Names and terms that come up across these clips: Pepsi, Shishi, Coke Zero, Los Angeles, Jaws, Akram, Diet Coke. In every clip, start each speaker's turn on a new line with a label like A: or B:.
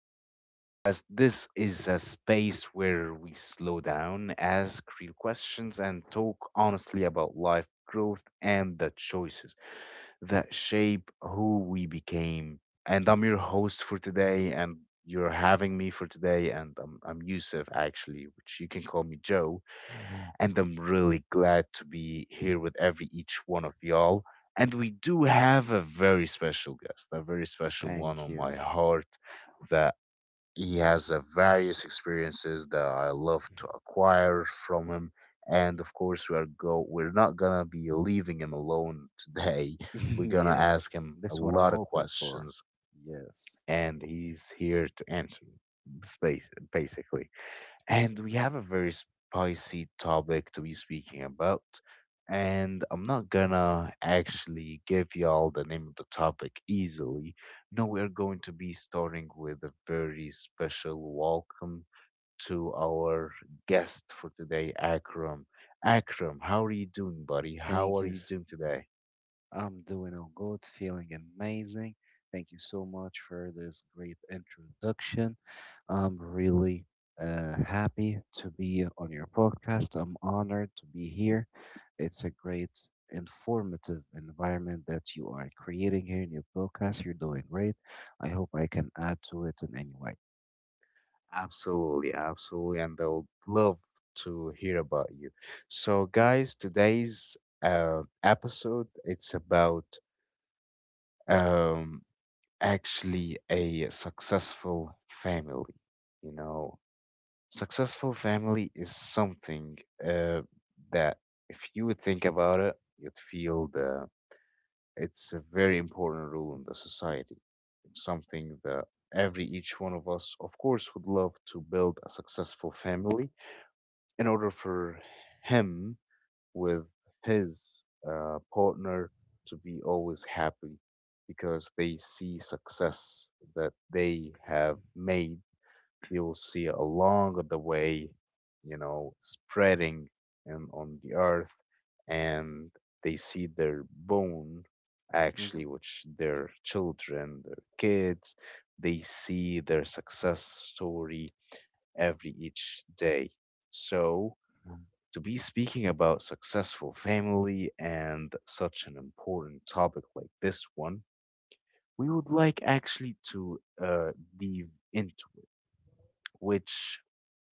A: the podcast. This is a space where we slow down, ask real questions, and talk honestly about life, growth, and the choices that shape who we became. And I'm your host for today, and you're having me for today. And I'm Yusuf, actually, which you can call me Joe. And I'm really glad to be here with every each one of y'all, and we do have a very special guest, a very special one
B: Thank
A: on my
B: you.
A: heart that he has a various experiences that I love to acquire from him. And of course, we are go we're not gonna be leaving him alone today. We're gonna ask
B: Yes,
A: him a
B: that's what I'm
A: lot of
B: hoping for.
A: questions,
B: Yes.
A: and he's here to answer. Space, basically. And we have a very spicy topic to be speaking about. And I'm not gonna actually give y'all the name of the topic easily. No, we're going to be starting with a very special welcome to our guest for today, Akram. Akram, how are you doing, buddy? How
B: Thank
A: are
B: you.
A: you doing today?
B: I'm doing all good, feeling amazing. Thank you so much for this great introduction. I'm really happy to be on your podcast. I'm honored to be here. It's a great informative environment that you are creating here in your podcast. You're doing great. I hope I can add to it in any way.
A: Absolutely, absolutely. And I would love to hear about you. So, guys, today's episode. It's about um, actually a successful family. You know, successful family is something uh, that if you would think about it, you'd feel the it's a very important rule in the society. It's something that every each one of us, of course, would love to build a successful family in order for him with his partner to be always happy because they see success that they have made. They will see along the way, you know, spreading and on the earth, and they see their bone
B: hmm
A: actually, which their children, their kids, they see their success story every each day. So to be speaking about successful family and such an important topic like this one, we would like actually to dive into it, which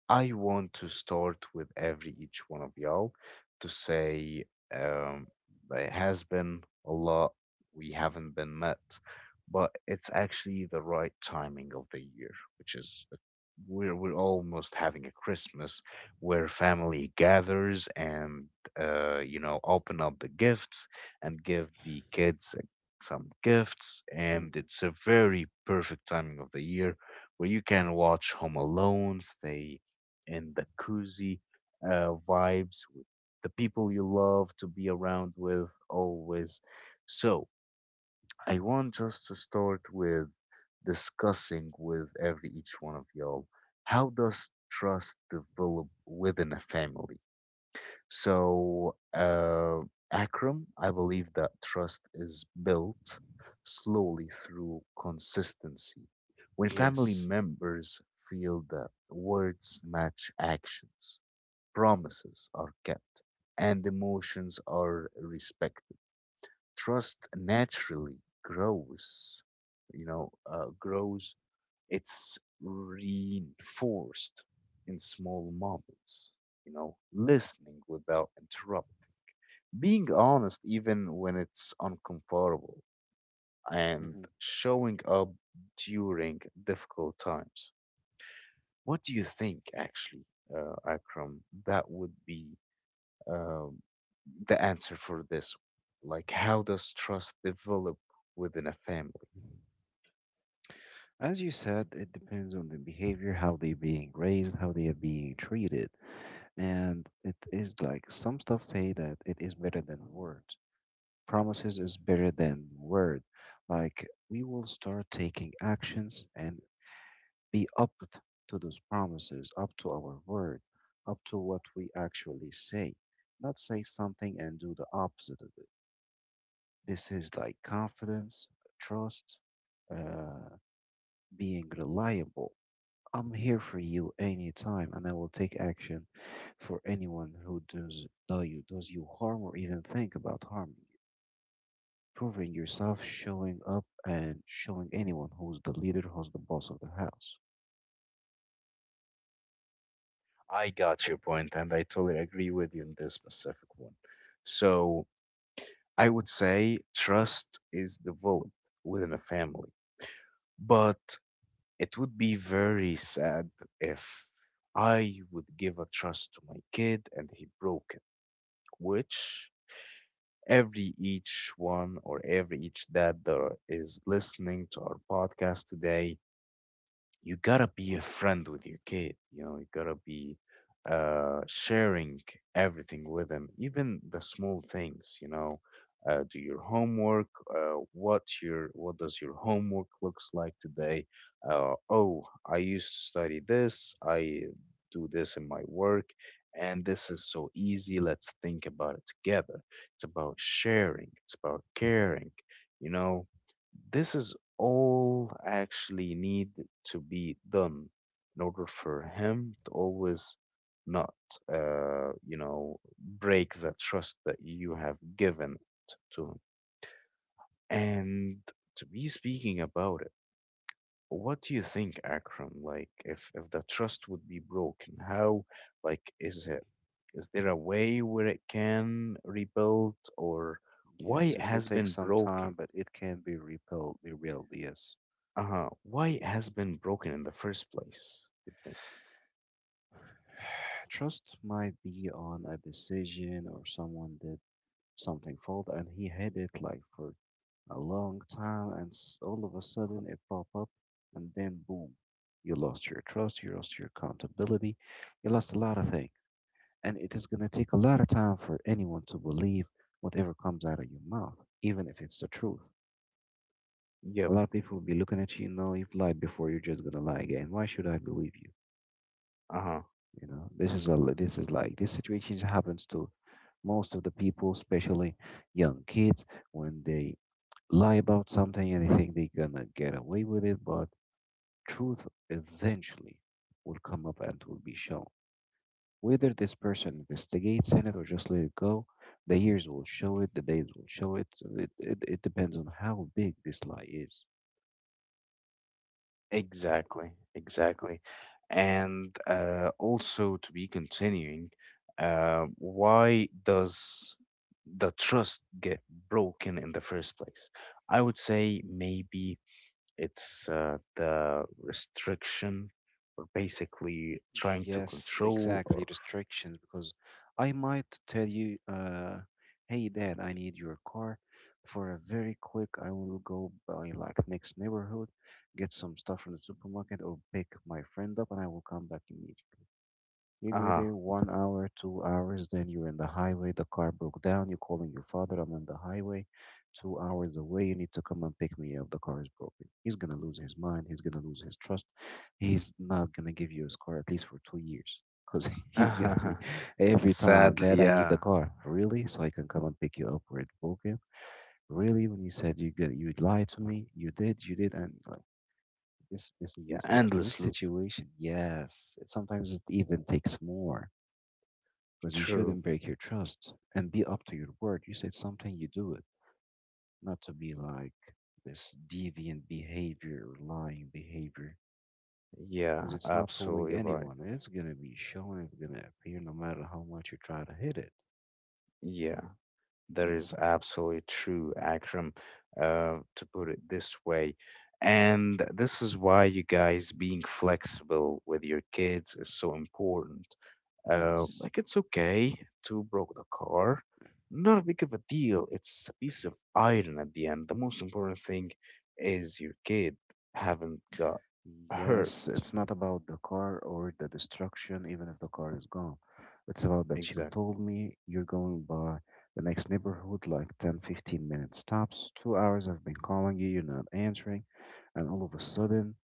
A: I want to start with every each one of y'all to say um, it has been a lot. We haven't been met, but it's actually the right timing of the year, which is we're almost having a Christmas where family gathers and you know, open up the gifts and give the kids some gifts, and
B: hmm
A: it's a very perfect timing of the year where you can watch Home Alone, stay and the cozy vibes with the people you love to be around with always. So I want just to start with discussing with every each one of y'all, how does trust develop within a family? So, Akram, I believe that trust is built slowly through consistency. When family
B: Yes.
A: members feel that words match actions, promises are kept, and emotions are respected. Trust naturally grows, grows. It's reinforced in small moments, you know, listening without interrupt, being honest even when it's uncomfortable, and showing up during difficult times. What do you think, actually, Akram, that would be um, the answer for this. Like, how does trust develop within a family?
B: As you said, it depends on the behavior, how they're being raised, how they are being treated. And it is like some stuff say that it is better than words. Promises is better than word. Like we will start taking actions and be up to those promises, up to our word, up to what we actually say. Not say something and do the opposite of it. This is like confidence, trust, uh, being reliable. I'm here for you anytime, and I will take action for anyone who does you harm or even think about harming you. Proving yourself, showing up, and showing anyone who's the leader, who's the boss of the house.
A: I got your point, and I totally agree with you in this specific one. So, I would say trust is developed within a family, but it would be very sad if I would give a trust to my kid and he broke it, which every each one or every each dad that is listening to our podcast today, you gotta be a friend with your kid. You know, you gotta be sharing everything with them, even the small things. You know, do your homework, what does your homework looks like today? Oh, I used to study this. I do this in my work, and this is so easy. Let's think about it together. It's about sharing, it's about caring, you know. This is all actually need to be done in order for him to always not, you know, break the trust that you have given to him. And to be speaking about it, what do you think, Akram? Like, if the trust would be broken, how, like, is it? Is there a way where it can rebuild, or why
B: Yes,
A: it
B: it will
A: has
B: take
A: been
B: some time,
A: broken?
B: but it can be rebuilt. Rebuilt, yes.
A: Uh huh. Why it has been broken in the first place, you think?
B: Trust might be on a decision or someone did something fault and he had it like for a long time, and all of a sudden it pop up, and then boom, you lost your trust, you lost your accountability, you lost a lot of things, and it is gonna take a lot of time for anyone to believe whatever comes out of your mouth, even if it's the truth. A
A: Yep.
B: lot of people will be looking at you, no, you've lied before, you're just gonna lie again. Why should I believe you?
A: Uh-huh.
B: You know, this is like this situation happens to most of the people, especially young kids, when they lie about something and they think they're gonna get away with it, but truth eventually will come up and will be shown. Whether this person investigates in it or just let it go, the years will show it, the days will show it. It depends on how big this lie is.
A: Exactly. Exactly. And also to be continuing, why does the trust get broken in the first place? I would say maybe it's the restriction or basically trying to
B: Yes,
A: control
B: exactly.
A: or
B: Restrictions, because I might tell you, hey, dad, I need your car for a very quick. I will go by like next neighborhood, get some stuff from the supermarket, or pick my friend up, and I will come back immediately. You go there 1 hour, 2 hours, then you're in the highway, the car broke down, you're calling your father, I'm on the highway, 2 hours away, you need to come and pick me up, the car is broken. He's gonna lose his mind, he's gonna lose his trust, he's not gonna give you his car at least for 2 years. Because he's gonna
A: uh-huh.
B: be every time,
A: Sadly,
B: Dad, I need the
A: yeah.
B: car. Really? So I can come and pick you up where it's broken. Really? When you said you lied to me, you did, and like this this
A: Yeah,
B: this like this
A: endless loop.
B: situation, yes. It sometimes it even takes more because you
A: True.
B: shouldn't break your trust and be up to your word. You said something, you do it, not to be like this deviant behavior, lying behavior, because
A: Yeah,
B: it's not fooling
A: absolutely right.
B: anyone. It's gonna be showing, it's gonna appear no matter how much you try to hit it.
A: Yeah. That
B: hmm
A: is absolutely true, Akram, to put it this way. And this is why you guys being flexible with your kids is so important.
B: Yes.
A: Like, it's okay to broke the car. Not big of a deal. It's a piece of iron at the end. The most important thing is your kid haven't got hurt.
B: Yes, it's not about the car or the destruction, even if the car is gone. It's about that you
A: Exactly.
B: told me you're going by the next neighborhood, like 10, 15-minute stops. 2 hours I've been calling you, you're not answering. And all of a sudden,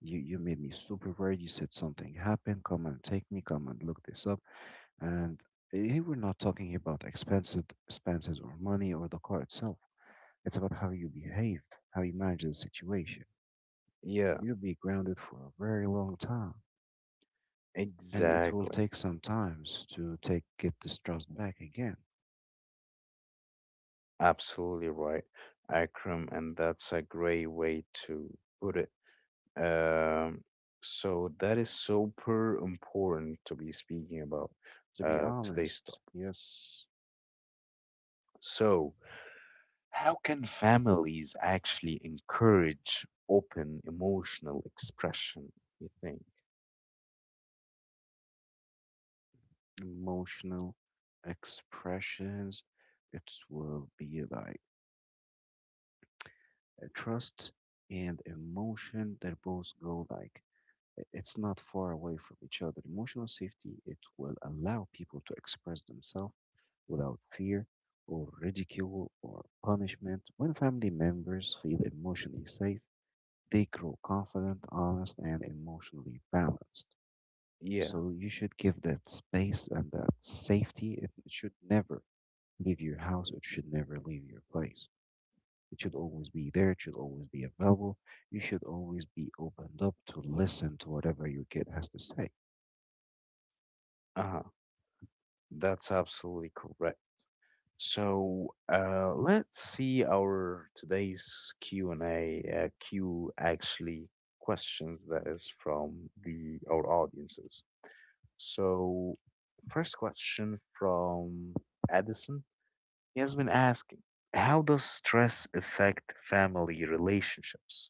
B: you made me super worried. You said something happened. Come and take me. Come and look this up. And here we're not talking about expenses, expenses or money or the car itself. It's about how you behaved, how you managed the situation.
A: Yeah,
B: You'll be grounded for a very long time. And it will
A: exactly.
B: take some times to take get this trust back again,
A: Absolutely right, Akram, and that's a great way to put it. Um, so that is super important to be speaking about
B: to be
A: today's
B: honest,
A: talk.
B: yes.
A: So, how can families actually encourage open emotional expression, you think?
B: Emotional expressions, it will be like trust and emotion, they both go like, it's not far away from each other. Emotional safety, it will allow people to express themselves without fear or ridicule or punishment. When family members feel emotionally safe, they grow confident, honest, and emotionally balanced.
A: Yeah,
B: So you should give that space and that safety. It should never leave your house. It should never leave your place. It should always be there. It should always be available. You should always be opened up to listen to whatever your kid has to say.
A: uh-huh, that's absolutely correct. So, let's see our today's Q and A, Q actually questions that is from the our audiences. So, first question from Addison. He has been asking, how does stress affect family relationships?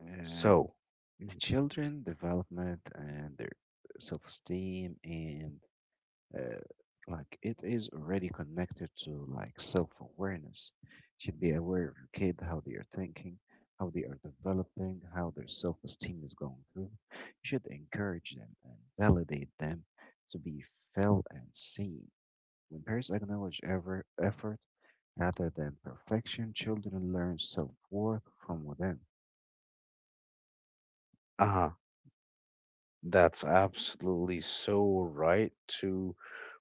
B: Uh,
A: So,
B: children development and their self-esteem and uh, like it is already connected to like self-awareness. Should be aware of your kid, how they are thinking, how they are developing, how their self-esteem is going through. You should encourage them and validate them to be felt and seen. When parents acknowledge ever effort rather than perfection, children learn self-worth from within.
A: uh huh, that's absolutely so right to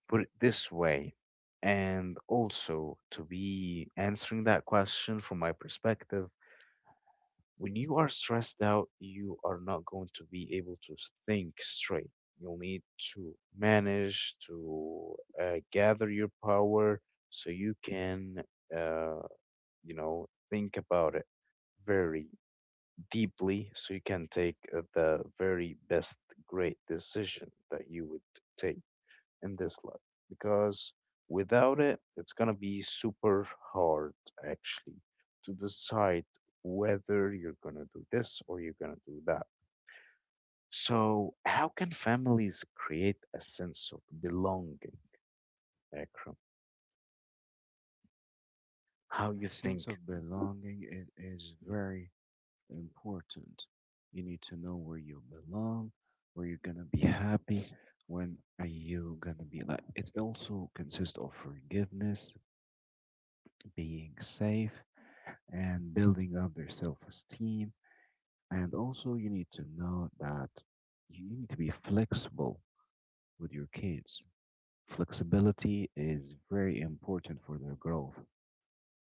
A: put it this way. And also, to be answering that question from my perspective, when you are stressed out, you are not going to be able to think straight. You'll need to manage to gather your power so you can, uh, you know, think about it very deeply, so you can take the very best great decision that you would take in this life, because without it, it's gonna be super hard actually to decide whether you're gonna do this or you're gonna do that. So, how can families create a sense of belonging, Akram? How you
B: Sense
A: think?
B: of belonging, it is
A: Yeah,
B: very important. You need to know where you belong, where you're gonna be happy, when are you gonna be like. It also consists of forgiveness, being safe, and building up their self-esteem. And also, you need to know that you need to be flexible with your kids. Flexibility is very important for their growth.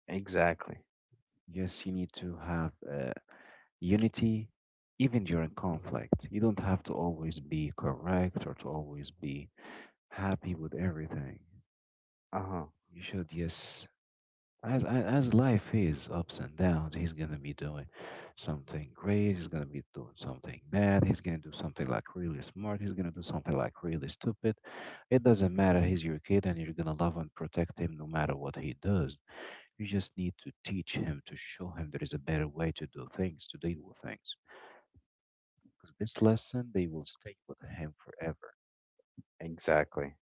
A: exactly.
B: Yes, you need to have unity even during
A: Hmm.
B: conflict. You don't have to always be correct or to always be happy with everything.
A: Uh-huh.
B: You should, yes, as life is ups and downs, he's gonna be doing something great, he's gonna be doing something bad, he's gonna do something like really smart, he's gonna do something like really stupid. It doesn't
A: Hmm.
B: matter, he's your kid and you're gonna love and protect him no matter what he does. You just need to teach him, to show him there is a better way to do things, to deal with things. Because this lesson, they will stay with him forever.
A: Exactly.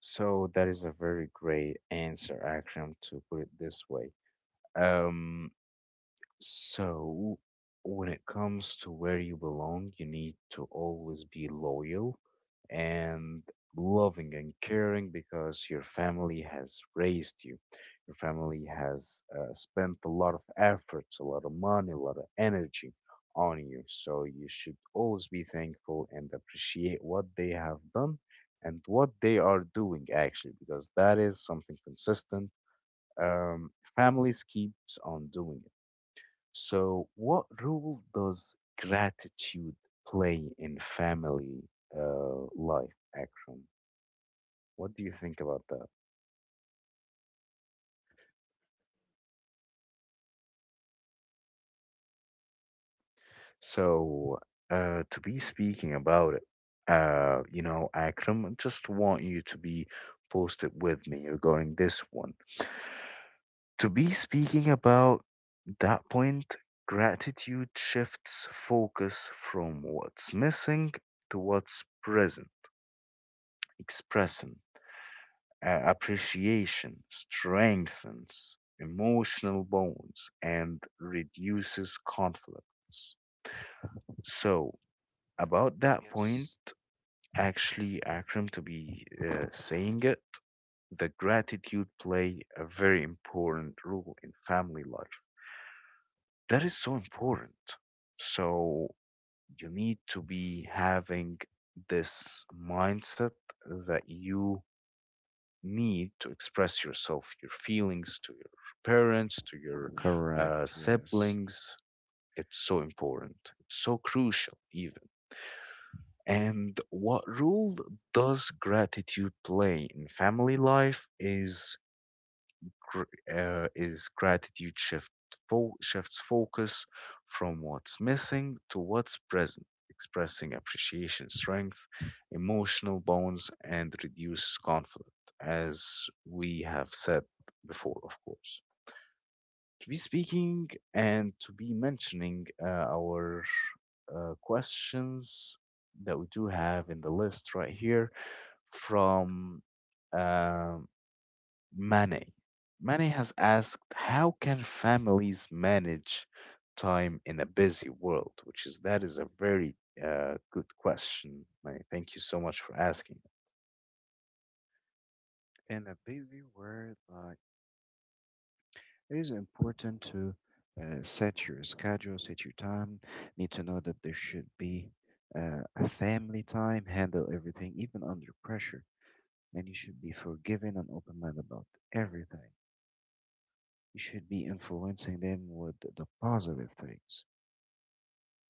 A: So that is a very great answer, Akram, to put it this way. Um, So, when it comes to where you belong, you need to always be loyal and loving and caring, because your family has raised you. Your family has spent a lot of efforts, a lot of money, a lot of energy on you. So, you should always be thankful and appreciate what they have done and what they are doing, actually, because that is something consistent. Families keeps on doing. So, what role does gratitude play in family life, Akram? What do you think about that? So, to be speaking about it, you know, Akram, I just want you to be posted with me regarding this one. To be speaking about that point, gratitude shifts focus from what's missing to what's present, expressing appreciation strengthens emotional bonds and reduces conflicts. So,
B: Mhm.
A: about that point,
B: Yes.
A: actually, Akram, to be saying it, the gratitude play a very important role in family life. That is so important. So, you need to be having this mindset that you need to express yourself, your feelings to your parents, to your
B: Correct, yes.
A: siblings. It's so important, it's so crucial, even. And what role does gratitude play in family life is gr- gratitude shifts focus from what's missing to what's present, expressing appreciation, strength, emotional bonds, and reduces conflict, as we have said before, of course. To be speaking and to be mentioning our questions that we do have in the list right here from. um Mane. Mane has asked, how can families manage time in a busy world? Which is, that is a very good question, Mane. Thank you so much for asking.
B: In a busy world, like it is important to set your schedule, set your time. Need to know that there should be a family time, handle everything, even under pressure. And you should be forgiving and open minded about everything. You should be influencing them with the positive things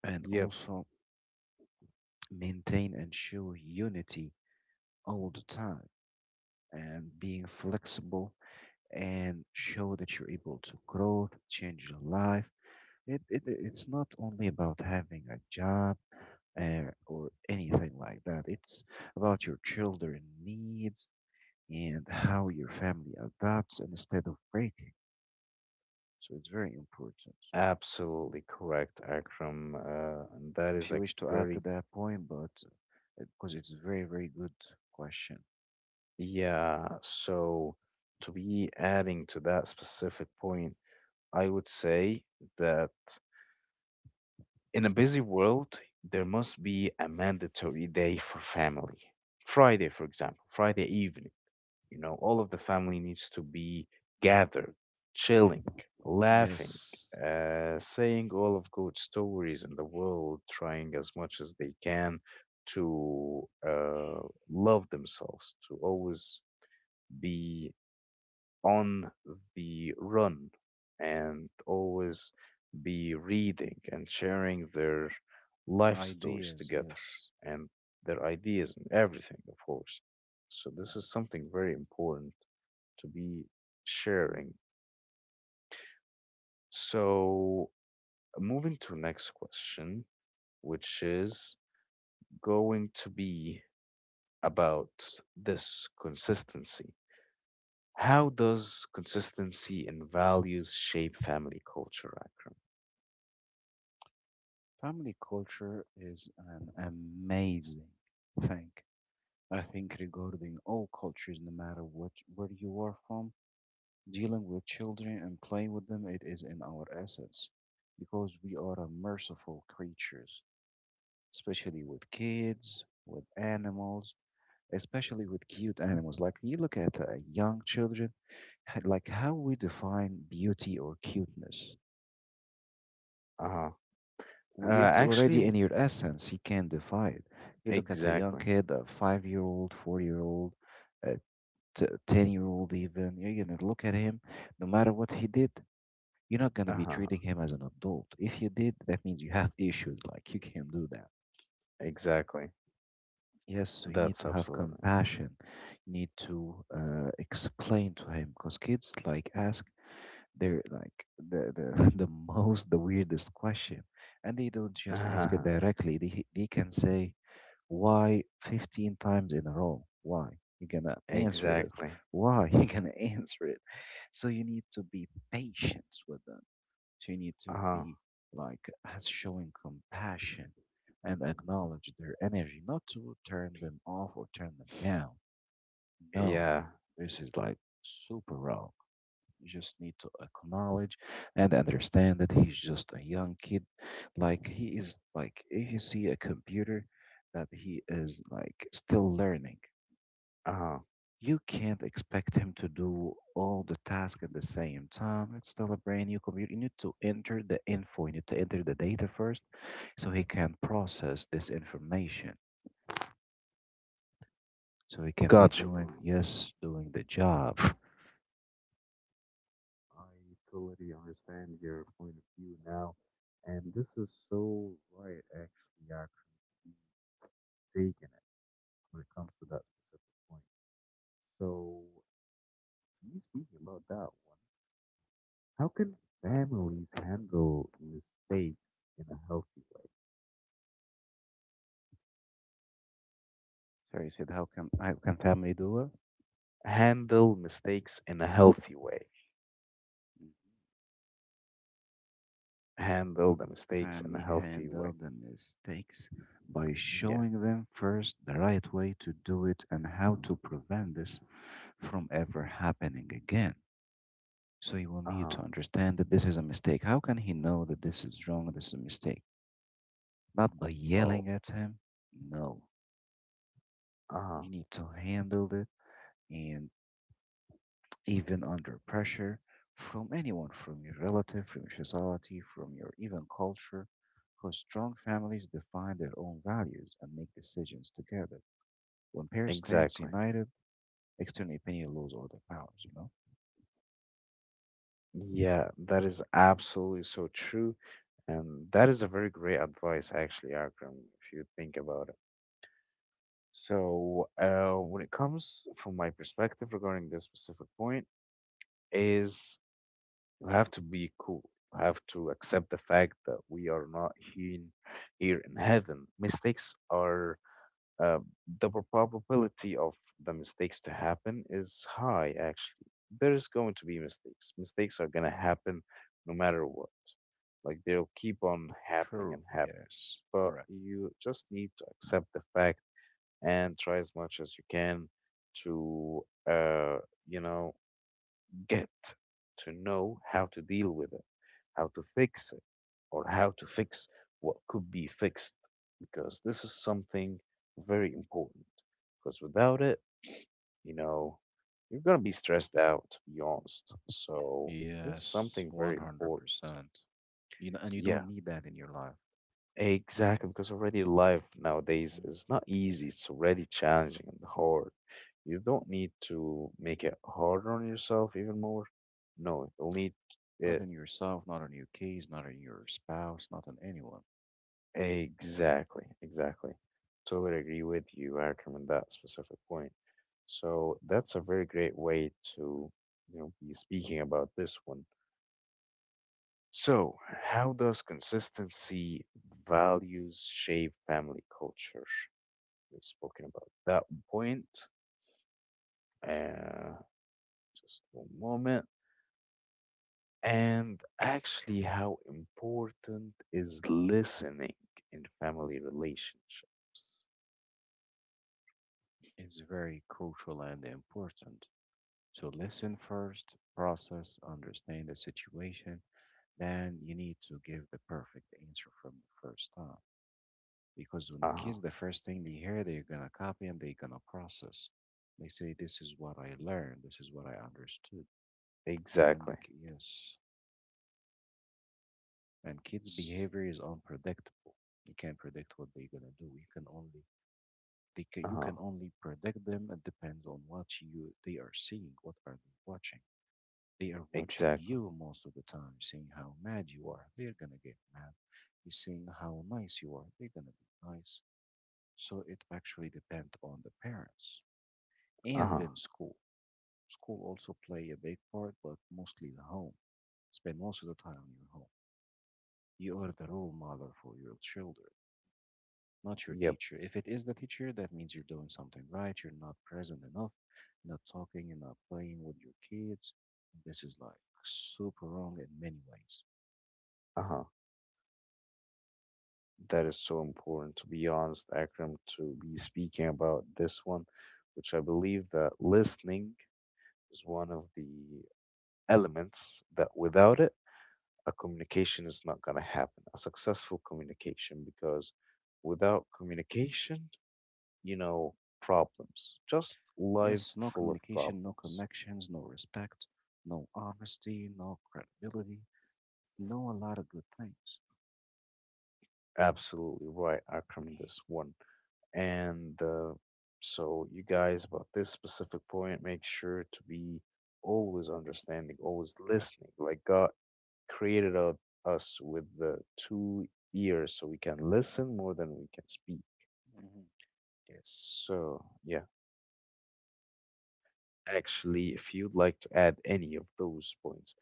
B: and
A: Yep,
B: also maintain and show unity all the time and being flexible and show that you're able to grow, change your life. It's not only about having a job or anything like that. It's about your children needs and how your family adapts instead of breaking. So it's very important.
A: absolutely correct, Akram. And that
B: If
A: is
B: you
A: a
B: wish to add to
A: very,
B: that point, but because it's a very, very good question.
A: yeah. So, to be adding to that specific point, I would say that in a busy world, there must be a mandatory day for family. Friday, for example, Friday evening. You know, all of the family needs to be gathered, chilling, laughing,
B: Yes.
A: saying
B: Mhm.
A: all of good stories in the world, trying as much as they can to love themselves, to always be on the run and always be reading and sharing their life stories
B: Ideas,
A: together
B: yes.
A: and their ideas and everything, of course. So, this
B: Mhm.
A: is something very important to be sharing. So, moving to next question, which is going to be about this consistency. How does consistency in values shape family culture, Akram?
B: Family culture is an amazing thing. I think regarding all cultures, no matter what where you are from, dealing with children and playing with them, it is in our essence because we are a merciful creatures, especially with kids, with animals, especially with cute animals. Like you look at young children, like how we define beauty or cuteness.
A: Uh-huh. Uh,
B: It's
A: actually,
B: already in
A: w-
B: your essence. You can't define it. You look at a young
A: exactly.
B: kid, a five-year-old, four-year-old, a ten-year-old, even. You're gonna look at him, no matter what he did. You're not gonna be
A: Uh-huh.
B: treating him as an adult. If you did, that means you have issues. Like you can't do that.
A: Exactly.
B: Yes, so you need
A: That's
B: to have
A: absolutely.
B: compassion. You need to explain to him because kids like ask, they're like the weirdest question and they don't just ask it
A: Uh-huh.
B: directly, they can say why 15 times in a row, why, you gonna answer this,
A: Exactly.
B: why, you gonna answer it. So you need to be patient with them. So you need to
A: Uh-huh.
B: be like as showing compassion and acknowledge their energy, not to turn them off or turn them down. No,
A: Yeah.
B: this is like super wrong. You just need to acknowledge and understand that he's just a young kid. Like he is like if you see a computer that he is like still learning.
A: Uh-huh.
B: You can't expect him to do all the tasks at the same time. It's still a brand new computer. You need to enter the info. You need to enter the data first so he can process this information. So he can be
A: Gotcha.
B: doing, yes, doing the job.
A: I totally understand your point of view now, and this is so right, actually, Akram, you taken it when it comes to that specific point. So, to me speaking about that one, how can families handle mistakes in a healthy way?
B: So you said how can family do it?
A: Handle mistakes in a healthy way. Handle the mistakes in a
B: Family
A: healthy
B: handle
A: way.
B: the mistakes by
A: Yeah.
B: showing them first the right way to do it and how to prevent this from ever happening again. So you will need
A: Uh-huh.
B: to understand that this is a mistake. How can he know that this is wrong, this is a mistake? Not by
A: Oh.
B: yelling at him. No.
A: Uh-huh.
B: You need to handle it and even under pressure from anyone, from your relative, from your society, from your even culture, because strong families define their own values and make decisions together. When parents stand
A: Exactly.
B: united, external opinion lose all their powers, you know?
A: Yeah, that is absolutely so true. And that is a very great advice, actually, Akram, if you think about it. So, when it comes from my perspective regarding this specific point, is you have to be cool. You have to accept the fact that we are not here in heaven. Mistakes are uh, the probability of the mistakes to happen is high, actually. There is going to be mistakes. Mistakes are going to happen no matter what. Like they'll keep on happening
B: True.
A: and happening.
B: Yes.
A: But
B: Correct.
A: you just need to accept the fact and try as much as you can to, uh, you know, get to know how to deal with it, how to fix it, or how to fix what could be fixed, because this is something very important. Because without it, you know, you're gonna be stressed out, to be honest. So this is
B: Yes.
A: something very important.
B: 100%. You know, and you
A: Yeah,
B: don't need that in your life.
A: exactly. Because already life nowadays
B: Mhm.
A: is not easy. It's already challenging and hard. You don't need to make it harder on yourself even more. No, you'll need uh,
B: Not in yourself, not on your kids, not on your spouse, not on anyone.
A: exactly, exactly. Totally agree with you, Akram, on that specific point. So that's a very great way to be speaking about this one. So, how does consistency values shape family culture? We've spoken about that point. Uh, just one moment. And actually, how important is listening in family relationships?
B: It's very crucial and important. So listen first, process, understand the situation. Then you need to give the perfect answer from the first time. Because when the
A: Uh-huh,
B: kids, the first thing they hear, they're gonna copy and they're gonna process. They say, "This is what I learned. This is what I understood." And the,
A: exactly.
B: ki- yes, and kids' behavior is unpredictable. You can't predict what they're gonna do. You can only they can, you
A: Uh-huh.
B: can only predict them. It depends on what you they are seeing. What are they watching? They are watching
A: Exactly.
B: you most of the time, seeing how mad you are. They're gonna get mad. You're seeing how nice you are. They're gonna be nice. So it actually depends on the parents and
A: Uh-huh.
B: then school. School also play a big part, but mostly the home. Spend most of the time on your home. You are the role model for your children, not your
A: Yep.
B: teacher. If it is the teacher, that means you're doing something right. You're not present enough. You're not talking. You're not playing with your kids. This is like super wrong in many ways.
A: Uh-huh. That is so important, to be honest, Akram, to be speaking about this one, which I believe that listening is one of the elements that without it, a communication is not going to happen, a successful communication, because without communication, you know, problems, just life
B: Yes, no
A: full of
B: communication, no
A: problems.
B: connections, no respect, no honesty, no credibility, no a lot of good things.
A: Absolutely right, Akram, this one. And so, you guys, about this specific point, make sure to be always understanding, always listening. Like God created us with the two ears so we can listen more than we can speak.
B: hmm Yes.
A: So, yeah, actually, if you'd like to add any of those points.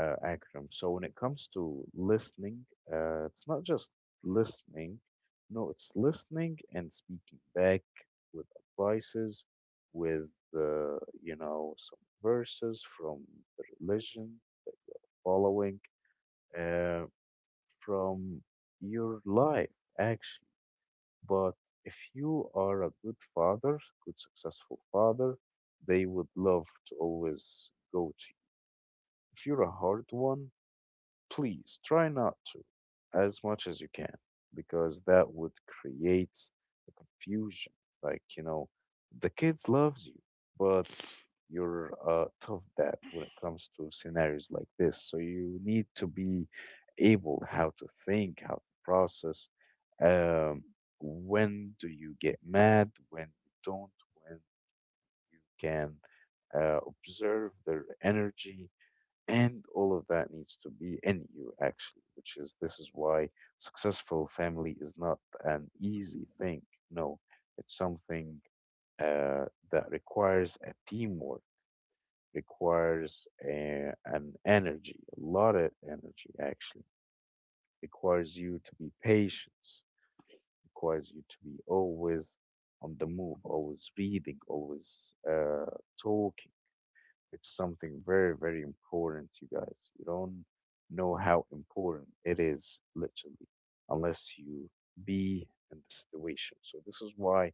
A: Akram. So when it comes to listening, it's not just listening. No, it's listening and speaking back with advices, with some verses from the religion, following uh, from your life actually. But if you are a good father, good successful father, they would love to always go to you. If you're a hard one, please try not to as much as you can because that would create a confusion. Like, you know, the kids loves you, but you're a tough dad when it comes to scenarios like this. So you need to be able how to think, how to process. Um, when do you get mad? When you don't? When you can observe their energy? And all of that needs to be in you, actually, which is this is why successful family is not an easy thing. No, it's something uh, that requires a teamwork, requires an energy, a lot of energy, actually. Requires you to be patient, requires you to be always on the move, always reading, always talking it's something very, very important, you guys. You don't know how important it is, literally, unless you be in the situation. So this is why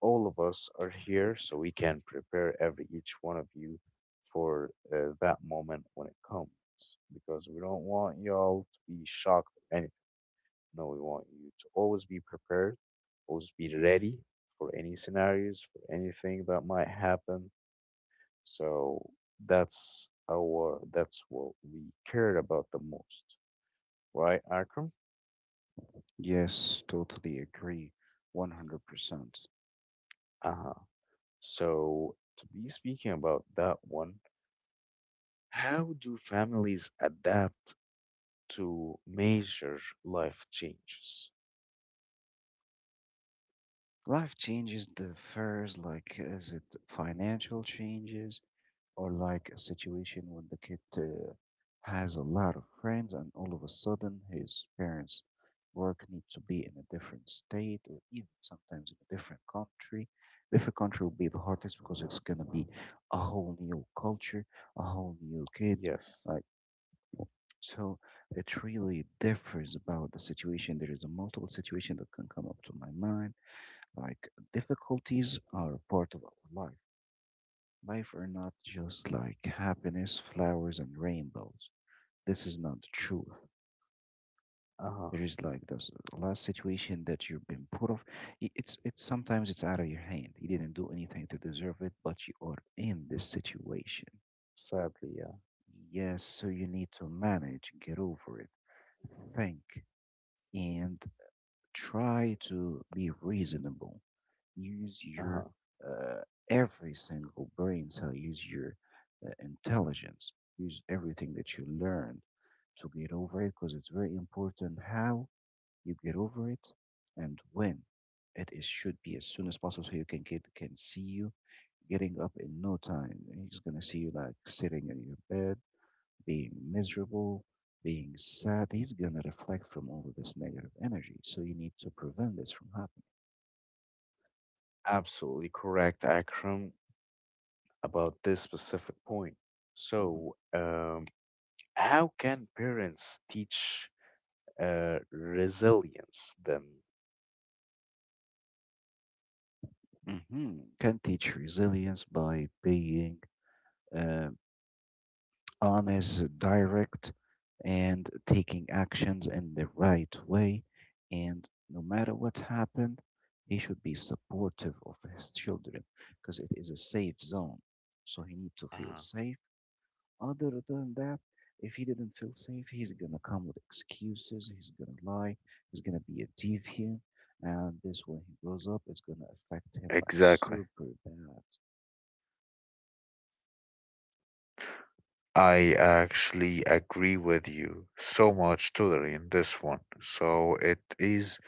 A: all of us are here, so we can prepare every each one of you for that moment when it
B: Mm.
A: comes, because we don't want y'all to be shocked or anything. No, we want you to always be prepared, always be ready for any scenarios, for anything that might happen so that's what we cared about the most, right, Akram?
B: Yes, totally agree. 100%.
A: Uh-huh. So to be speaking about that one, how do families adapt to major life changes?
B: Life changes differs, like is it financial changes or like a situation when the kid has a lot of friends and all of a sudden his parents' work need to be in a different state or even sometimes in a different country. Different country will be the hardest because it's gonna be a whole new culture, a whole new kids.
A: Yes.
B: Like so, it really differs about the situation. There is a multiple situation that can come up to my mind, like difficulties are a part of our life. Life are not just like happiness, flowers, and rainbows. This is not the truth.
A: Uh-huh.
B: There is like this last situation that you've been put of. It's sometimes it's out of your hand. You didn't do anything to deserve it, but you are in this situation.
A: Sadly, yeah.
B: Yes, so you need to manage, get over it, think, and try to be reasonable. Use your
A: Uh-huh.
B: uh, every single brain cell, use your intelligence, use everything that you learned to get over it because it's very important how you get over it and when. It should be as soon as possible so you can see you getting up in no time. He's gonna see you like sitting in your bed being miserable, being sad, he's going to reflect from all of this negative energy. So you need to prevent this from happening.
A: Absolutely correct, Akram, about this specific point.
B: Mhm.
A: So, how can parents teach resilience then?
B: Mhm. Can teach resilience by being uh, honest, direct, and taking actions in the right way. And no matter what happened, he should be supportive of his children because it is a safe zone. So he need to feel
A: Uh-huh.
B: safe. Other than that, if he didn't feel safe, he's gonna come with excuses, he's gonna lie, he's gonna be a deviant, and this when he grows up is gonna affect him like
A: Exactly.
B: super bad.
A: I actually agree with you so much totally in this one. So it is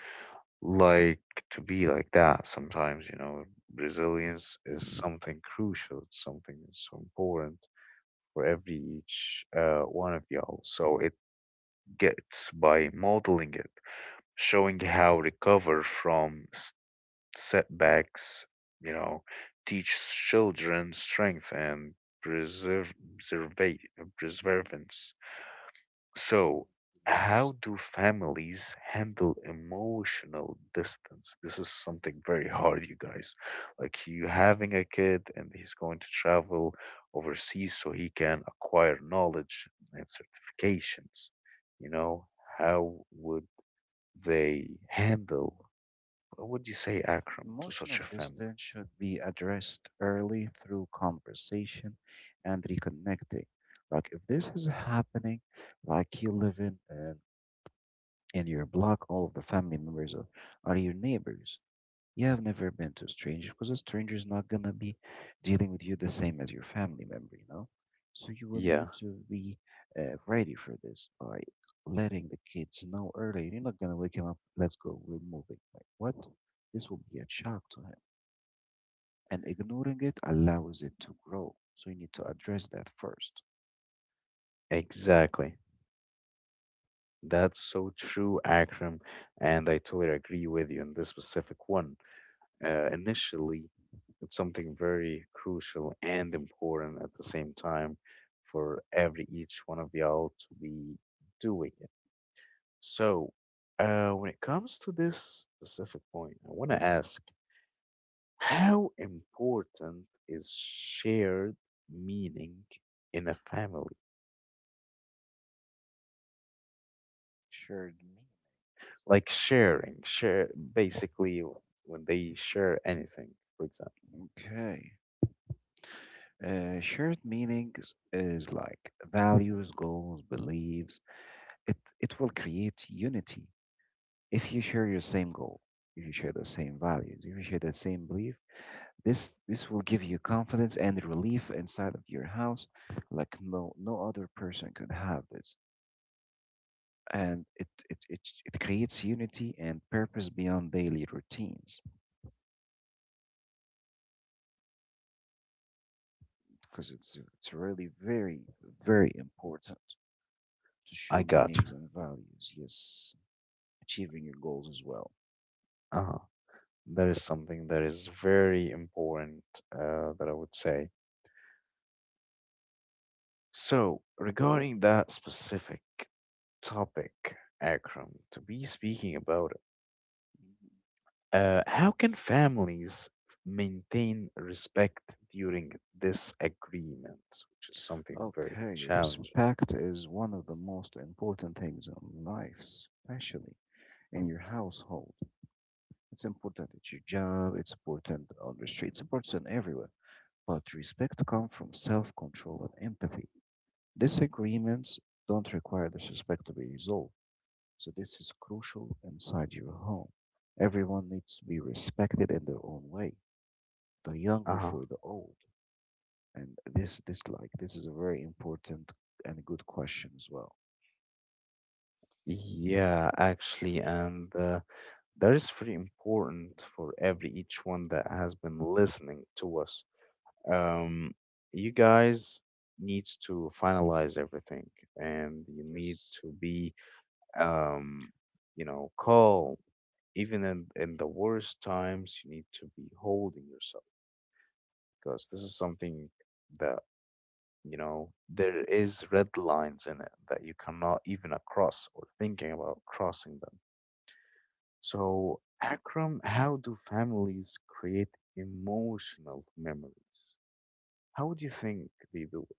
A: like to be like that sometimes, you know, resilience is something crucial, it's something so important for every each one of y'all. So it gets by modeling it, showing how recover from setbacks, you know, teach children strength and preserve, preserva- perseverance. So, how
B: Yes.
A: do families handle emotional distance? This is something very hard, you guys. Like you having a kid and he's going to travel overseas so he can acquire knowledge and certifications. You know, how would they handle what would you say, Akram, to such a
B: Emotional
A: family?
B: distance should be addressed early through conversation and reconnecting. Like if this is happening, like you live in your block, all of the family members are your neighbors. Yeah, I've never been to a stranger because a stranger is not gonna be dealing with you the same as your family member, you know? So you will
A: Yeah,
B: need to be ready for this by letting the kids know early. You're not gonna wake him up, let's go, we're moving. Like, what? This will be a shock to him. And ignoring it allows it to grow. So you need to address that first.
A: exactly. That's so true, Akram, and I totally agree with you on this specific one. Initially, it's something very crucial and important at the same time for every each one of y'all to be doing it. So, when it comes to this specific point, I want to ask how important is shared meaning in a family?
B: Shared meaning.
A: Like sharing share basically when they share anything for example
B: Okay. Shared meanings is like values, goals, beliefs. It will create unity if you share your same goal, if you share the same values, if you share the same belief, this will give you confidence and relief inside of your house, like no no other person could have this. And it creates unity and purpose beyond daily routines because it's really very very important to
A: I
B: show
A: got you.
B: meanings and values. Yes, achieving your goals as well.
A: Uh-huh, that is something that is very important that I would say so regarding that specific topic Akram to be speaking about it,
B: Mhm.
A: how can families maintain respect during disagreement, which is something very
B: Okay,
A: challenging.
B: respect is one of the most important things in life, especially in your household. It's important at your job, it's important on the street, it's important everywhere. But respect comes from self control and empathy. Disagreements don't require disrespect to be resolved, so this is crucial inside your home. Everyone needs to be respected in their own way, the young before
A: Uh-huh.
B: the old. And this is a very important and good question as well.
A: Yeah, actually, and that is very important for every each one that has been listening to us. Um, you guys needs to finalize everything,
B: Mhm.
A: and you need
B: Yes.
A: to be, um, you know, calm. Even in the worst times, you need to be holding yourself because this is something that you know there is red lines in it that you cannot even across or thinking about crossing them. So, Akram, how do families create emotional memories? How do you think they do it?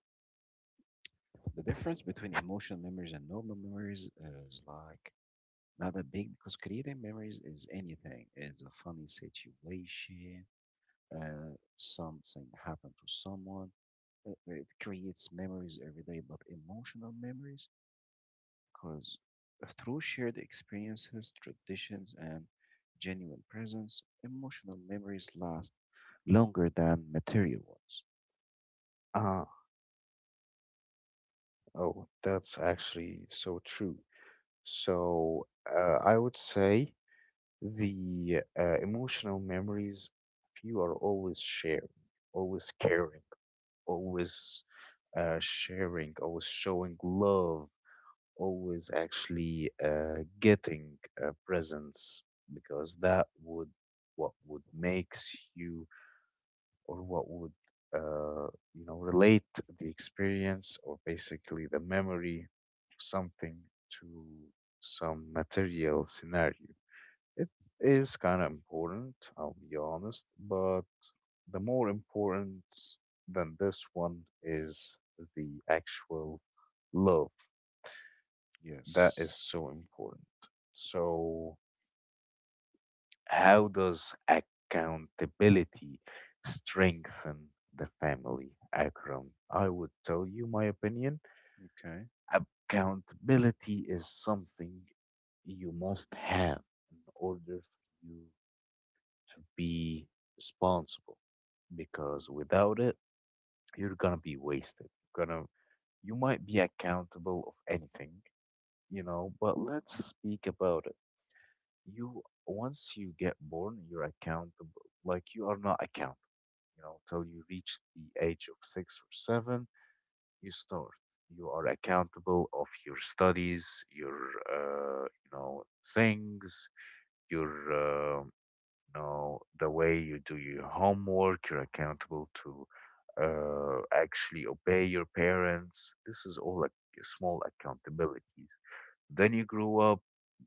B: The difference between emotional memories and normal memories is like not that big, because creating memories is anything. It's a funny situation, something happened to someone. It creates memories every day, but emotional memories, because through shared experiences, traditions, and genuine presence, emotional memories last longer than material ones.
A: Ah, oh, that's actually so true. So, I would say the emotional memories, if you are always sharing, always caring, always sharing, always showing love always actually getting presents because that would what would makes you or what would uh, you know relate the experience or basically the memory of something to some material scenario. It is kind of important, I'll be honest, but the more important than this one is the actual love that is
B: Yes.
A: so important. So, how does accountability strengthen the family, Akram? I would tell you my opinion.
B: Okay.
A: Accountability is something you must have in order for you to be responsible because
B: Mhm.
A: without it, you're gonna be wasted. You might be accountable of anything, you know, but let's speak about it you once you get born, you're accountable. Like you are not accountable, you know, till you reach the age of six or seven, you start. You are accountable of your studies, your you know things, your you know the way you do your homework you're accountable to actually obey your parents this is all like small accountabilities then you grow up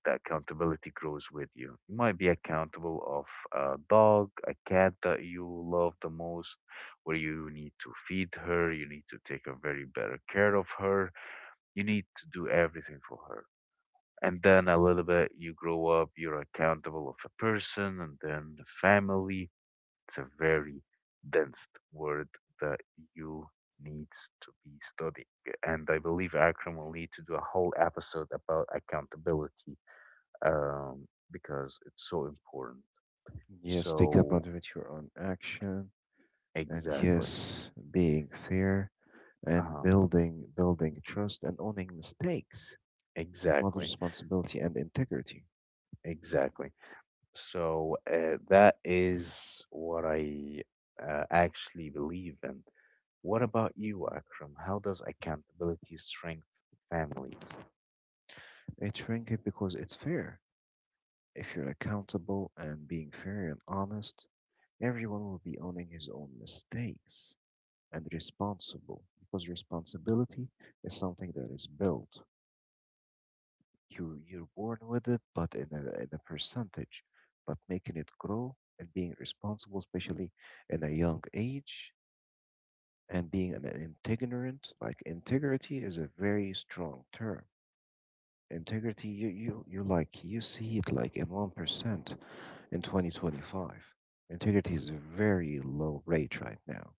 A: the accountability grows with you you might be accountable of a dog a cat that you love the most where you need to feed her you need to take a very better care of her you need to do everything for her and then a little bit you grow up you're accountable of a person and then the family it's a very dense word that you needs to be studying and I believe Akram will need to do a whole episode about accountability, um, because it's so important
B: Yes, take
A: so
B: advantage of your own action. And
A: exactly.
B: yes, being fair and
A: Uh-huh,
B: building trust and owning mistakes, model
A: exactly,
B: responsibility and integrity.
A: exactly. So that is what I actually believe in. What about you, Akram? How does accountability strengthen families?
B: It's ranking because it's fair. If you're accountable and being fair and honest, everyone will be owning his own mistakes and responsible, because responsibility is something that is built. You're born with it, but in a percentage. But making it grow and being responsible, especially in a young age, and being an integrant, like integrity is a very strong term. Integrity, you you like you see it like in 1% in 2025. Integrity is a very low rate right now.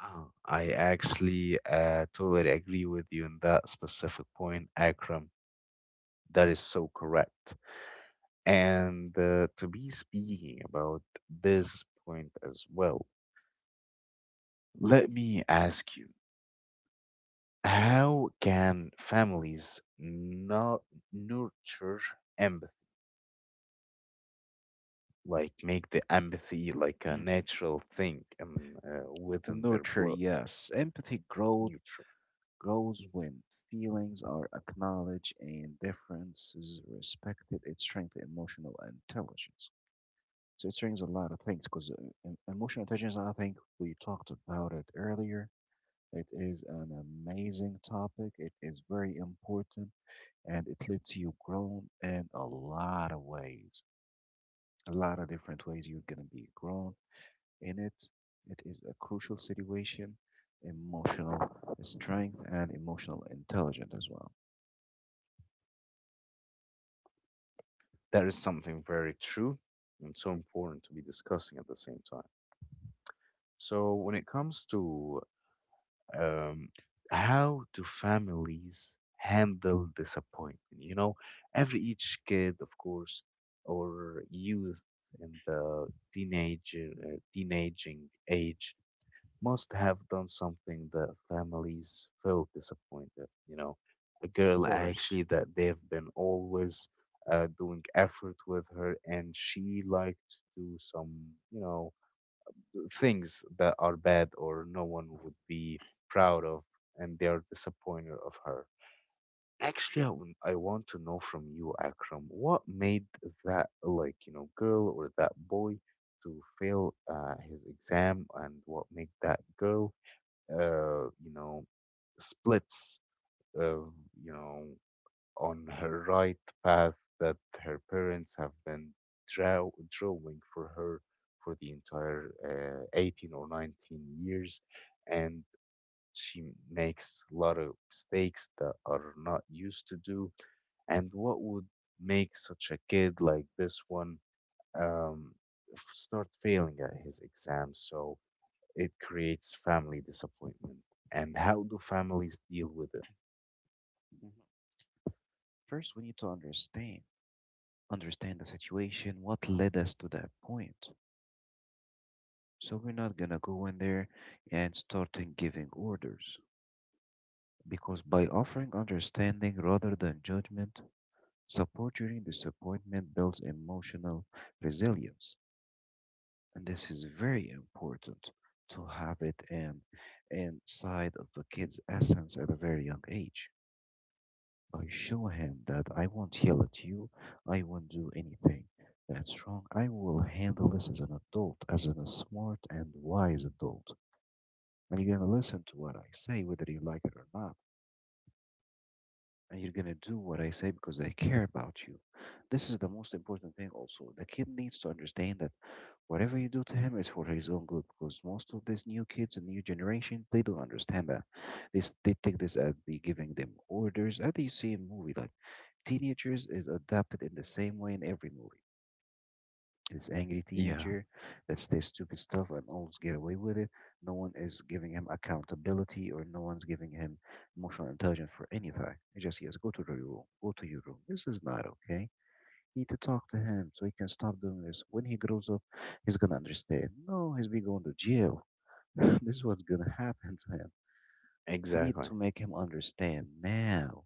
A: I actually totally agree with you on that specific point, Akram. That is so correct. And to be speaking about this point as well, let me ask you how can families not nurture empathy? Like make the empathy like a
B: hmm
A: natural thing and within their
B: Nurture,
A: blood
B: yes, empathy growth
A: neutral.
B: grows
A: Mhm.
B: when feelings are acknowledged and differences respected. It strengthens emotional intelligence. So it strengthens a lot of things because emotional intelligence, I think we talked about it earlier. It is an amazing topic. It is very important and it lets you grow in a lot of ways, a lot of different ways you're going to be grown in it. It is a crucial situation, emotional strength, and emotional intelligence as well.
A: That is something very true and so important to be discussing at the same time so when it comes to Um, how do families handle disappointment? You know, every each kid, of course, or youth in the teenage teenaging age must have done something that families felt disappointed. You know, a
B: Of
A: girl
B: course.
A: actually that they've been always doing effort with her, and she liked to do some, you know things that are bad or no one would be proud of, and they are disappointed of her. Actually, I want to know from you, Akram, what made that like you know girl or that boy to fail his exam, and what made that girl, uh, you know, splits, uh, you know on her right path that her parents have been drawing for her for the entire 18 or 19 years. And she makes a lot of mistakes that are not used to do. And what would make such a kid like this one um, start failing at his exams? So it creates family disappointment. And how do families deal with it?
B: Mhm. First, we need to understand the situation, what led us to that point. So we're not gonna go in there and starting giving orders, because by offering understanding rather than judgment, support during disappointment builds emotional resilience. And this is very important to have it in inside of the kid's essence at a very young age. I show him that I won't yell at you, I won't do anything that's wrong. I will handle this as an adult, as a smart and wise adult. And you're gonna listen to what I say, whether you like it or not. And you're gonna do what I say because I care about you. This is the most important thing, also. The kid needs to understand that whatever you do to him is for his own good, because most of these new kids and new generation they don't understand that. They take this as be giving them orders, as you see in movie. Like teenagers is adapted in the same way in every movie. This angry
A: Yeah,
B: teenager that says stupid stuff and always get away with it. No one is giving him accountability or no one's giving him emotional intelligence for anything. He just says, go to your room, go to your room. This is not okay. You need to talk to him so he can stop doing this. When he grows up, he's gonna understand. No, he's be going to jail. This is what's gonna happen to him. You need
A: exactly.
B: to make him understand now.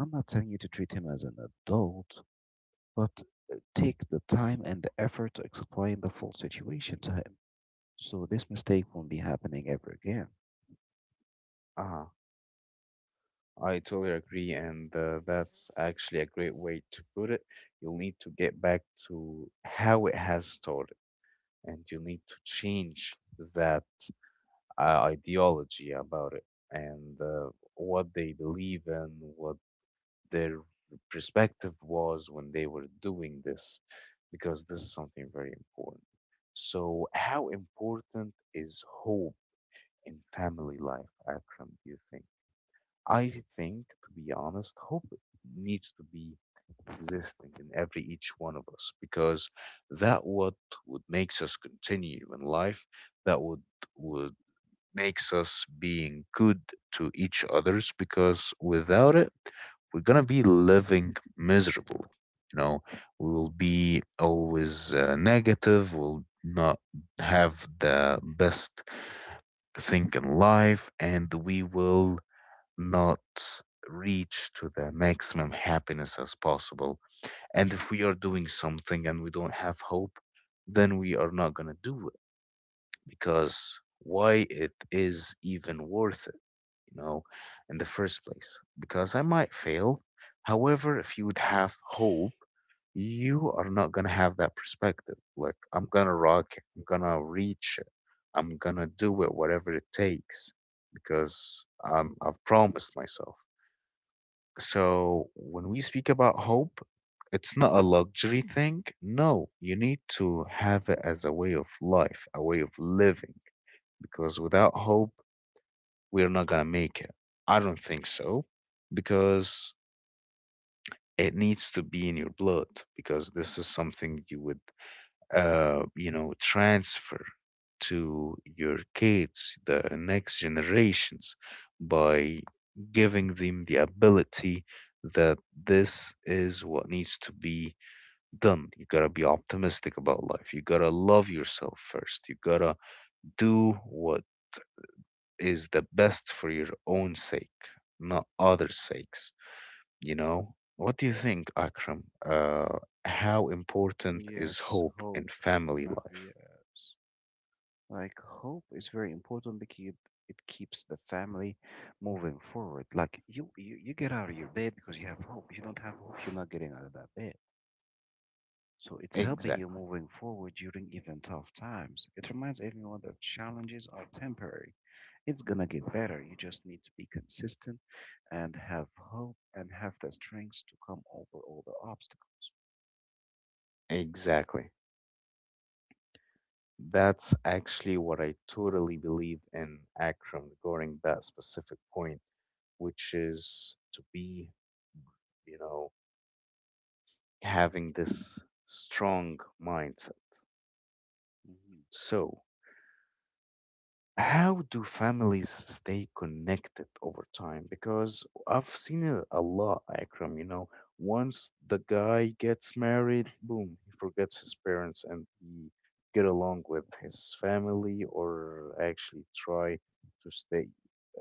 B: I'm not telling you to treat him as an adult, but take the time and the effort to explain the full situation to him so this mistake won't be happening ever again.
A: Uh I totally agree, and that's actually a great way to put it. You'll need to get back to how it has started, and you need to change that ideology about it and what they believe in, what their perspective was when they were doing this, because this is something very important. So, how important is hope in family life, Akram, do you think? I think, to be honest, hope needs to be existing in every each one of us because that what would makes us continue in life, that would makes us being good to each others because without it, we're gonna be living miserably. You know, we will be always negative. We'll not have the best thing in life, and we will not reach to the maximum happiness as possible. And if we are doing something and we don't have hope, then we are not going to do it because why it is even worth it, you know, in the first place. Because I might fail. However, if you would have hope, you are not going to have that perspective. Like, I'm going to rock it, I'm going to reach it, I'm going to do it, whatever it takes, because I've promised myself. So when we speak about hope, it's not a luxury thing. No, you need to have it as a way of life, a way of living, because without hope, we're not going to make it. I don't think so, because it needs to be in your blood, because this is something you would transfer to your kids, the next generations, by giving them the ability that this is what needs to be done. You gotta be optimistic about life. You gotta love yourself first. You gotta do what is the best for your own sake, not others' sakes. You know? What do you think, Akram? How important is
B: Yes,
A: hope in
B: hope.
A: family life?
B: Yes. Like, hope is very important because it keeps the family moving forward. Like, you get out of your bed because you have hope. You don't have hope, you're not getting out of that bed. So it's helping you moving forward during even tough times. It reminds everyone that challenges are temporary. It's gonna get better. You just need to be consistent and have hope and have the strength to come over all the obstacles.
A: Exactly. That's actually what I totally believe in Akram regarding that specific point, which is to be, you know, having this strong mindset.
B: Mhm.
A: So, how do families stay connected over time? Because I've seen it a lot, Akram. You know, once the guy gets married, boom, he forgets his parents and he get along with his family, or actually try to stay,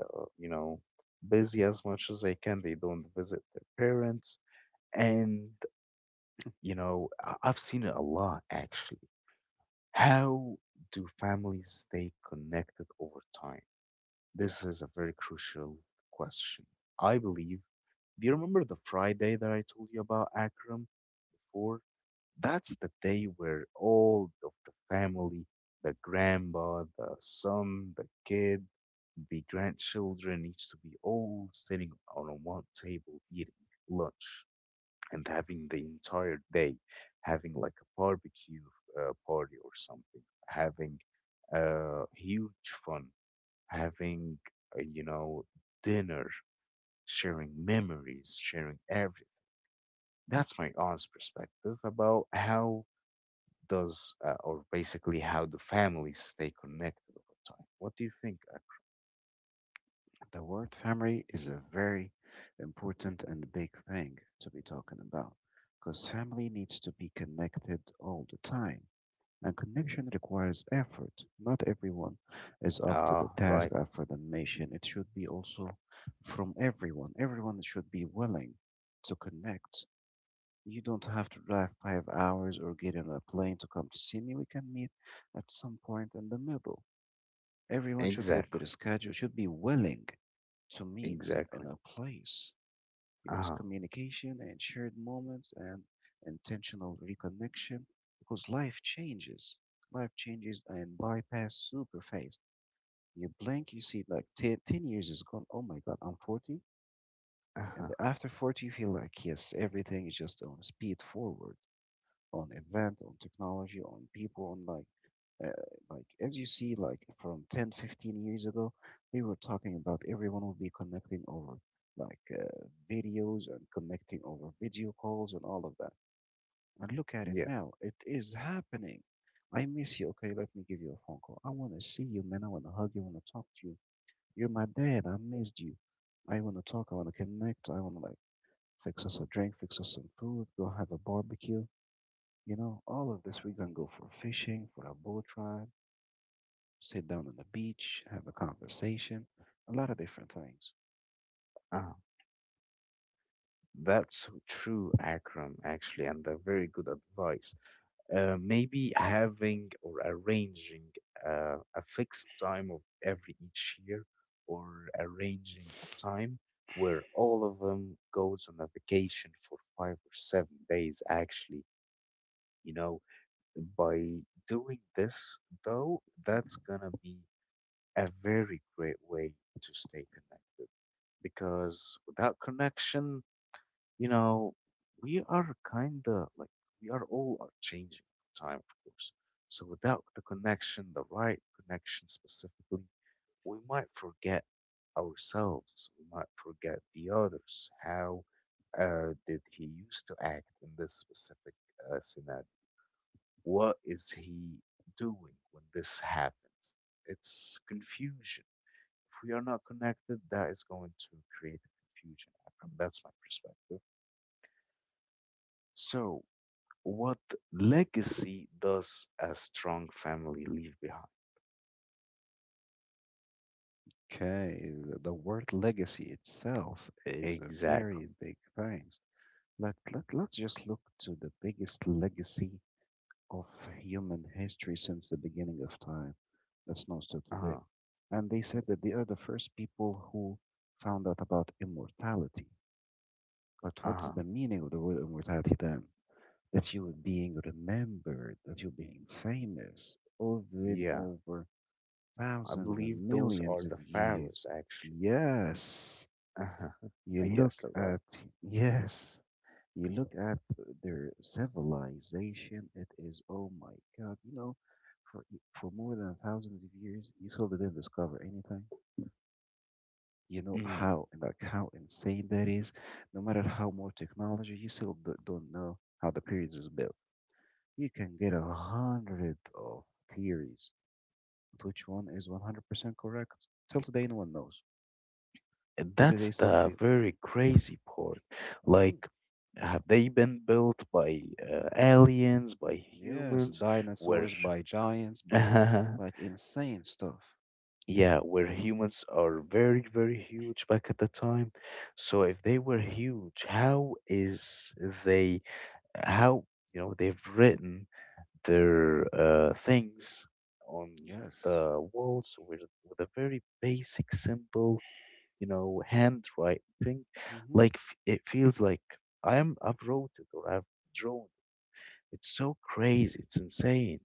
A: uh, you know, busy as much as they can. They don't visit their parents, and you know, I've seen it a lot actually. How do families stay connected over time? This is a very crucial question. I believe, do you remember the Friday that I told you about Akram before? That's the day where all of the family, the grandpa, the son, the kid, the grandchildren needs to be all sitting on a one table eating lunch and having the entire day, having like a barbecue party or something, having huge fun having, you know, dinner, sharing memories, sharing everything. That's my aunt's perspective about how or basically how do families stay connected over time. What do you think?
B: The word family is a very important and big thing to be talking about because family needs to be connected all the time. And connection requires effort. Not everyone is up to the
A: Ah,
B: task
A: right.
B: after the mission. It should be also from everyone. Everyone should be willing to connect. You don't have to drive 5 hours or get on a plane to come to see me. We can meet at some point in the middle. Everyone should get their
A: Exactly.
B: schedule, should be willing to meet in
A: Exactly.
B: a place, because
A: Uh-huh.
B: communication and shared moments and intentional reconnection, because life changes. Life changes and bypass super fast. You blink, you see like 10 years is gone. Oh my God, I'm 40.
A: Uh-huh.
B: And after 40, you feel like, yes, everything is just on speed forward, on event, on technology, on people, on uh, like as you see like from 10, 15 years ago we were talking about everyone will be connecting over like videos and connecting over video calls and all of that, and look at it
A: Yeah.
B: now, it is happening. I miss you. Okay, let me give you a phone call. I want to see you, man. I want to hug you, I want to talk to you. You're my dad, I missed you. I want to talk, I want to connect, I want to like fix us a drink, fix us some food, go have a barbecue, you know, all of this. We're gonna go for fishing, for a boat ride, sit down on the beach, have a conversation, a lot of different things.
A: Uh-huh. That's so true, Akram, actually, and a very good advice. Maybe having or arranging a fixed time of every each year or arranging a time where all of them goes on a vacation for 5 or 7 days actually, you know, by doing this though that's gonna be a very great way to stay connected because without connection, you know, we are kind of like we are all are changing over time, of course. So without the connection, the right connection specifically, we might forget ourselves. We might forget the others. How did he used to act in this specific scenario? What is he doing when this happens? It's confusion. If we are not connected, that is going to create a confusion. From that's my perspective. So what legacy does a strong family leave behind?
B: Okay, the word legacy itself is a
A: Exactly.
B: very big thing. Let's just look to the biggest legacy of human history since the beginning of time, that's known to
A: Uh
B: today.
A: huh.
B: And they said that they are the first people who found out about immortality. But
A: Uh
B: what's
A: huh.
B: the meaning of the word immortality then? That you are being remembered, that you're being famous over and
A: Yeah.
B: over
A: I
B: thousands
A: believe
B: and
A: those are
B: millions of
A: the
B: years.
A: pharaohs, actually.
B: Yes,
A: Uh-huh.
B: you
A: I
B: look
A: guess they're right.
B: at, yes, you look at their civilization. It is, oh my God, you know, for, for more than thousands of years, you still didn't discover anything. You know
A: Mhm.
B: how, like how insane that is. No matter how more technology, you still don't know how the pyramids is built. You can get 100 of theories, but which one is 100% correct? Till today, no one knows.
A: And
B: To
A: that's
B: today
A: the
B: something.
A: very crazy part.
B: Hmm.
A: Like, have they been built by aliens, by
B: Yes,
A: humans? Where,
B: dinosaurs, by giants, by like insane stuff.
A: yeah, where humans are very, very huge back at the time. So if they were huge, how is they how you know they've written their things on
B: Yes.
A: the walls with a very basic, simple, you know, handwriting thing.
B: Hmm.
A: Like it feels like I've wrote it or I've drawn it. It's so crazy. It's insane.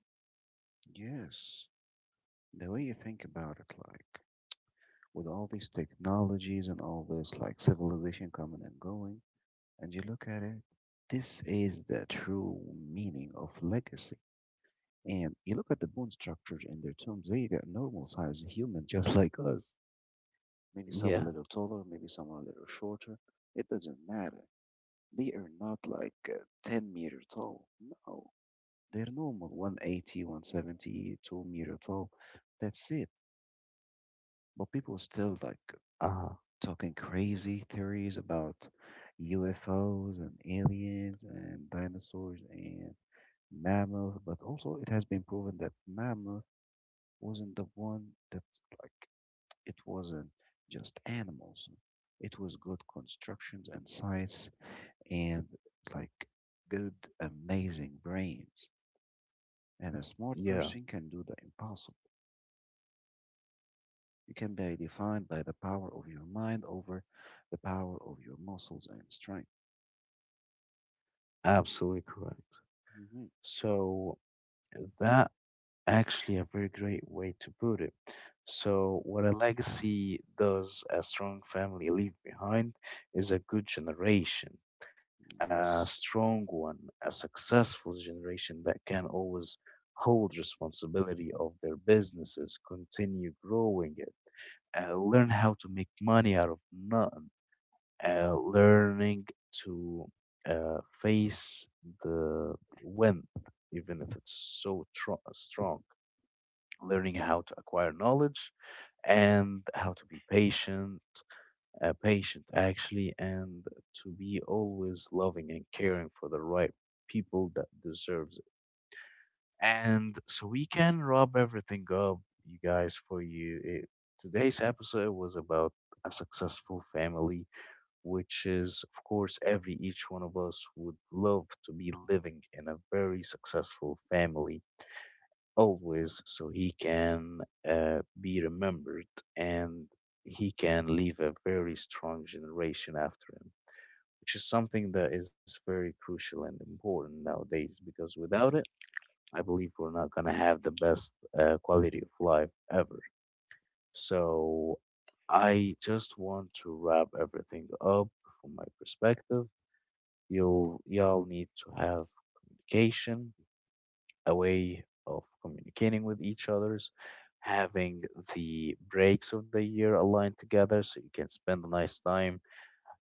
B: Yes, the way
A: Mhm.
B: you think about it, like with all these technologies and all this like civilization coming and going, and you look at it, this is the true meaning of legacy. And you look at the bone structures in their tombs, they are normal sized human just like us. Maybe some a
A: Yeah.
B: little taller, maybe some a little shorter. It doesn't matter. They are not like 10-meter tall. No, they're normal 180, 170, meter tall. That's it. But people still like
A: Uh,
B: talking crazy theories about UFOs and aliens and dinosaurs and mammoth. But also, it has been proven that mammoth wasn't the one that's like, it wasn't just animals. It was good constructions and science and like good, amazing brains. And a smart
A: yeah.
B: person can do the impossible. You can be defined by the power of your mind over the power of your muscles and strength.
A: Absolutely correct.
B: Hmm.
A: So that actually, a very great way to put it. So, what a legacy does a strong family leave behind is a good generation, a
B: Yes.
A: strong one, a successful generation that can always hold responsibility of their businesses, continue growing it, learn how to make money out of nothing,
B: Mhm.
A: learning to face the wind, even if it's so strong, learning how to acquire knowledge and how to be patient, patient actually, and to be always loving and caring for the right people that deserves it. And so we can wrap everything up, you guys, for you. It, today's episode was about a successful family, which is, of course, every each one of us would love to be living in a very successful family always so he can be remembered and he can leave a very strong generation after him, which is something that is very crucial and important nowadays because without it, I believe we're not going to have the best quality of life ever. So I just want to wrap everything up from my perspective. You'll, y'all need to have communication, a way of communicating with each others, having the breaks of the year aligned together so you can spend a nice time.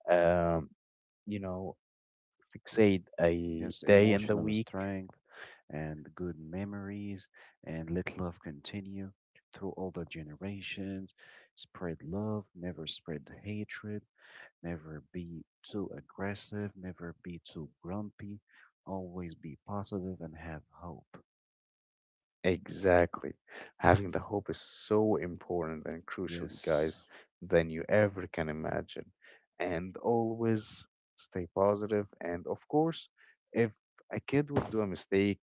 A: Um, you know, fixate a
B: Yes,
A: day in the
B: emotional
A: week.
B: strength and good memories, and let love continue through all the generations. Spread love, never spread hatred. Never be too aggressive, never be too grumpy, always be positive and have hope.
A: Exactly. Having the hope is so important and crucial, you
B: Yes,
A: guys, than you ever can imagine. And always stay positive. And of course, if a kid would do a mistake,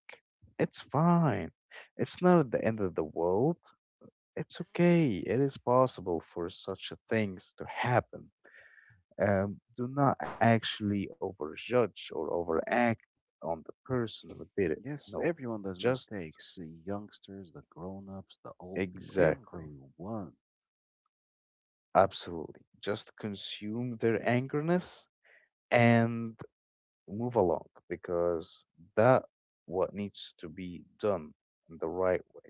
A: it's fine. It's not at the end of the world. It's okay. It is possible for such a things to happen. Do not actually overjudge or overact on the person who did it.
B: yes,
A: No,
B: everyone does
A: just
B: mistakes. The youngsters, the grown ups, the old people,
A: exactly,
B: everyone.
A: absolutely. Just consume their angerness and move along because that what needs to be done in the right way,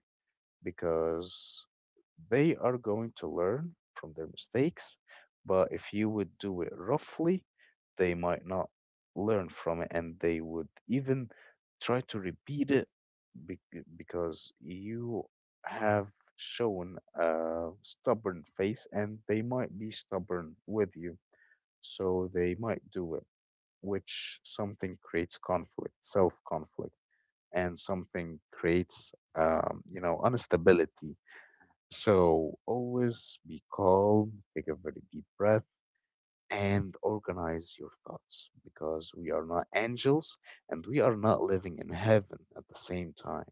A: because they are going to learn from their mistakes. But if you would do it roughly, they might not learn from it and they would even try to repeat it because you have shown a stubborn face and they might be stubborn with you. So they might do it, which something creates conflict, self conflict, and something creates, instability, so always be calm, take a very deep breath, and organize your thoughts because we are not angels and we are not living in heaven at the same time.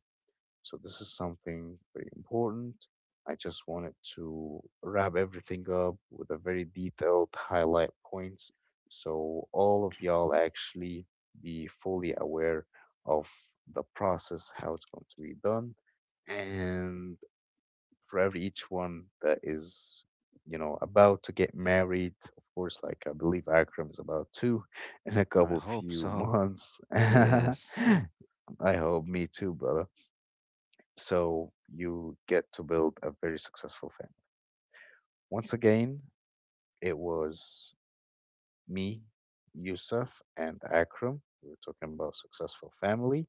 A: So this is something very important. I just wanted to wrap everything up with a very detailed highlight points so all of y'all actually be fully aware of the process, how it's going to be done. And for every each one that is, you know, about to get married. Of course, like I believe Akram is about to in a
B: I
A: couple
B: hope
A: few
B: so.
A: months. I
B: Yes,
A: hope me too, brother. So you get to build a very successful family. Once again, it was me, Yusuf, and Akram. We were talking about successful family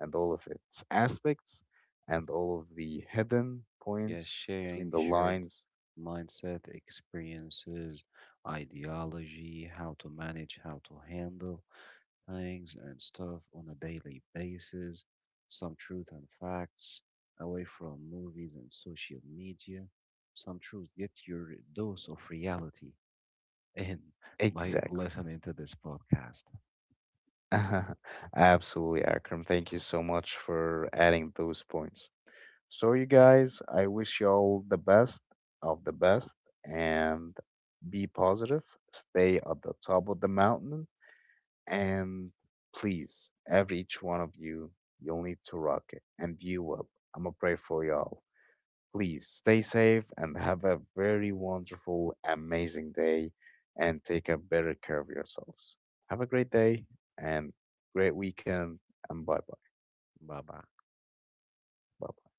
A: and all of its aspects and all of the hidden
B: yes,
A: points between
B: sharing
A: the
B: shared
A: lines.
B: mindset, experiences, ideology, how to manage, how to handle things and stuff on a daily basis, some truth and facts away from movies and social media, some truth. Get your dose of reality in by
A: Exactly.
B: listening to this podcast.
A: Absolutely, Akram. Thank you so much for adding those points. So, you guys, I wish you all the best of the best and be positive, stay at the top of the mountain, and please, every each one of you, you'll need to rock it, and you will. I'm gonna pray for y'all. Please stay safe and have a very wonderful, amazing day and take a better care of yourselves. Have a great day and great weekend and bye bye.
B: Bye bye.
A: Bye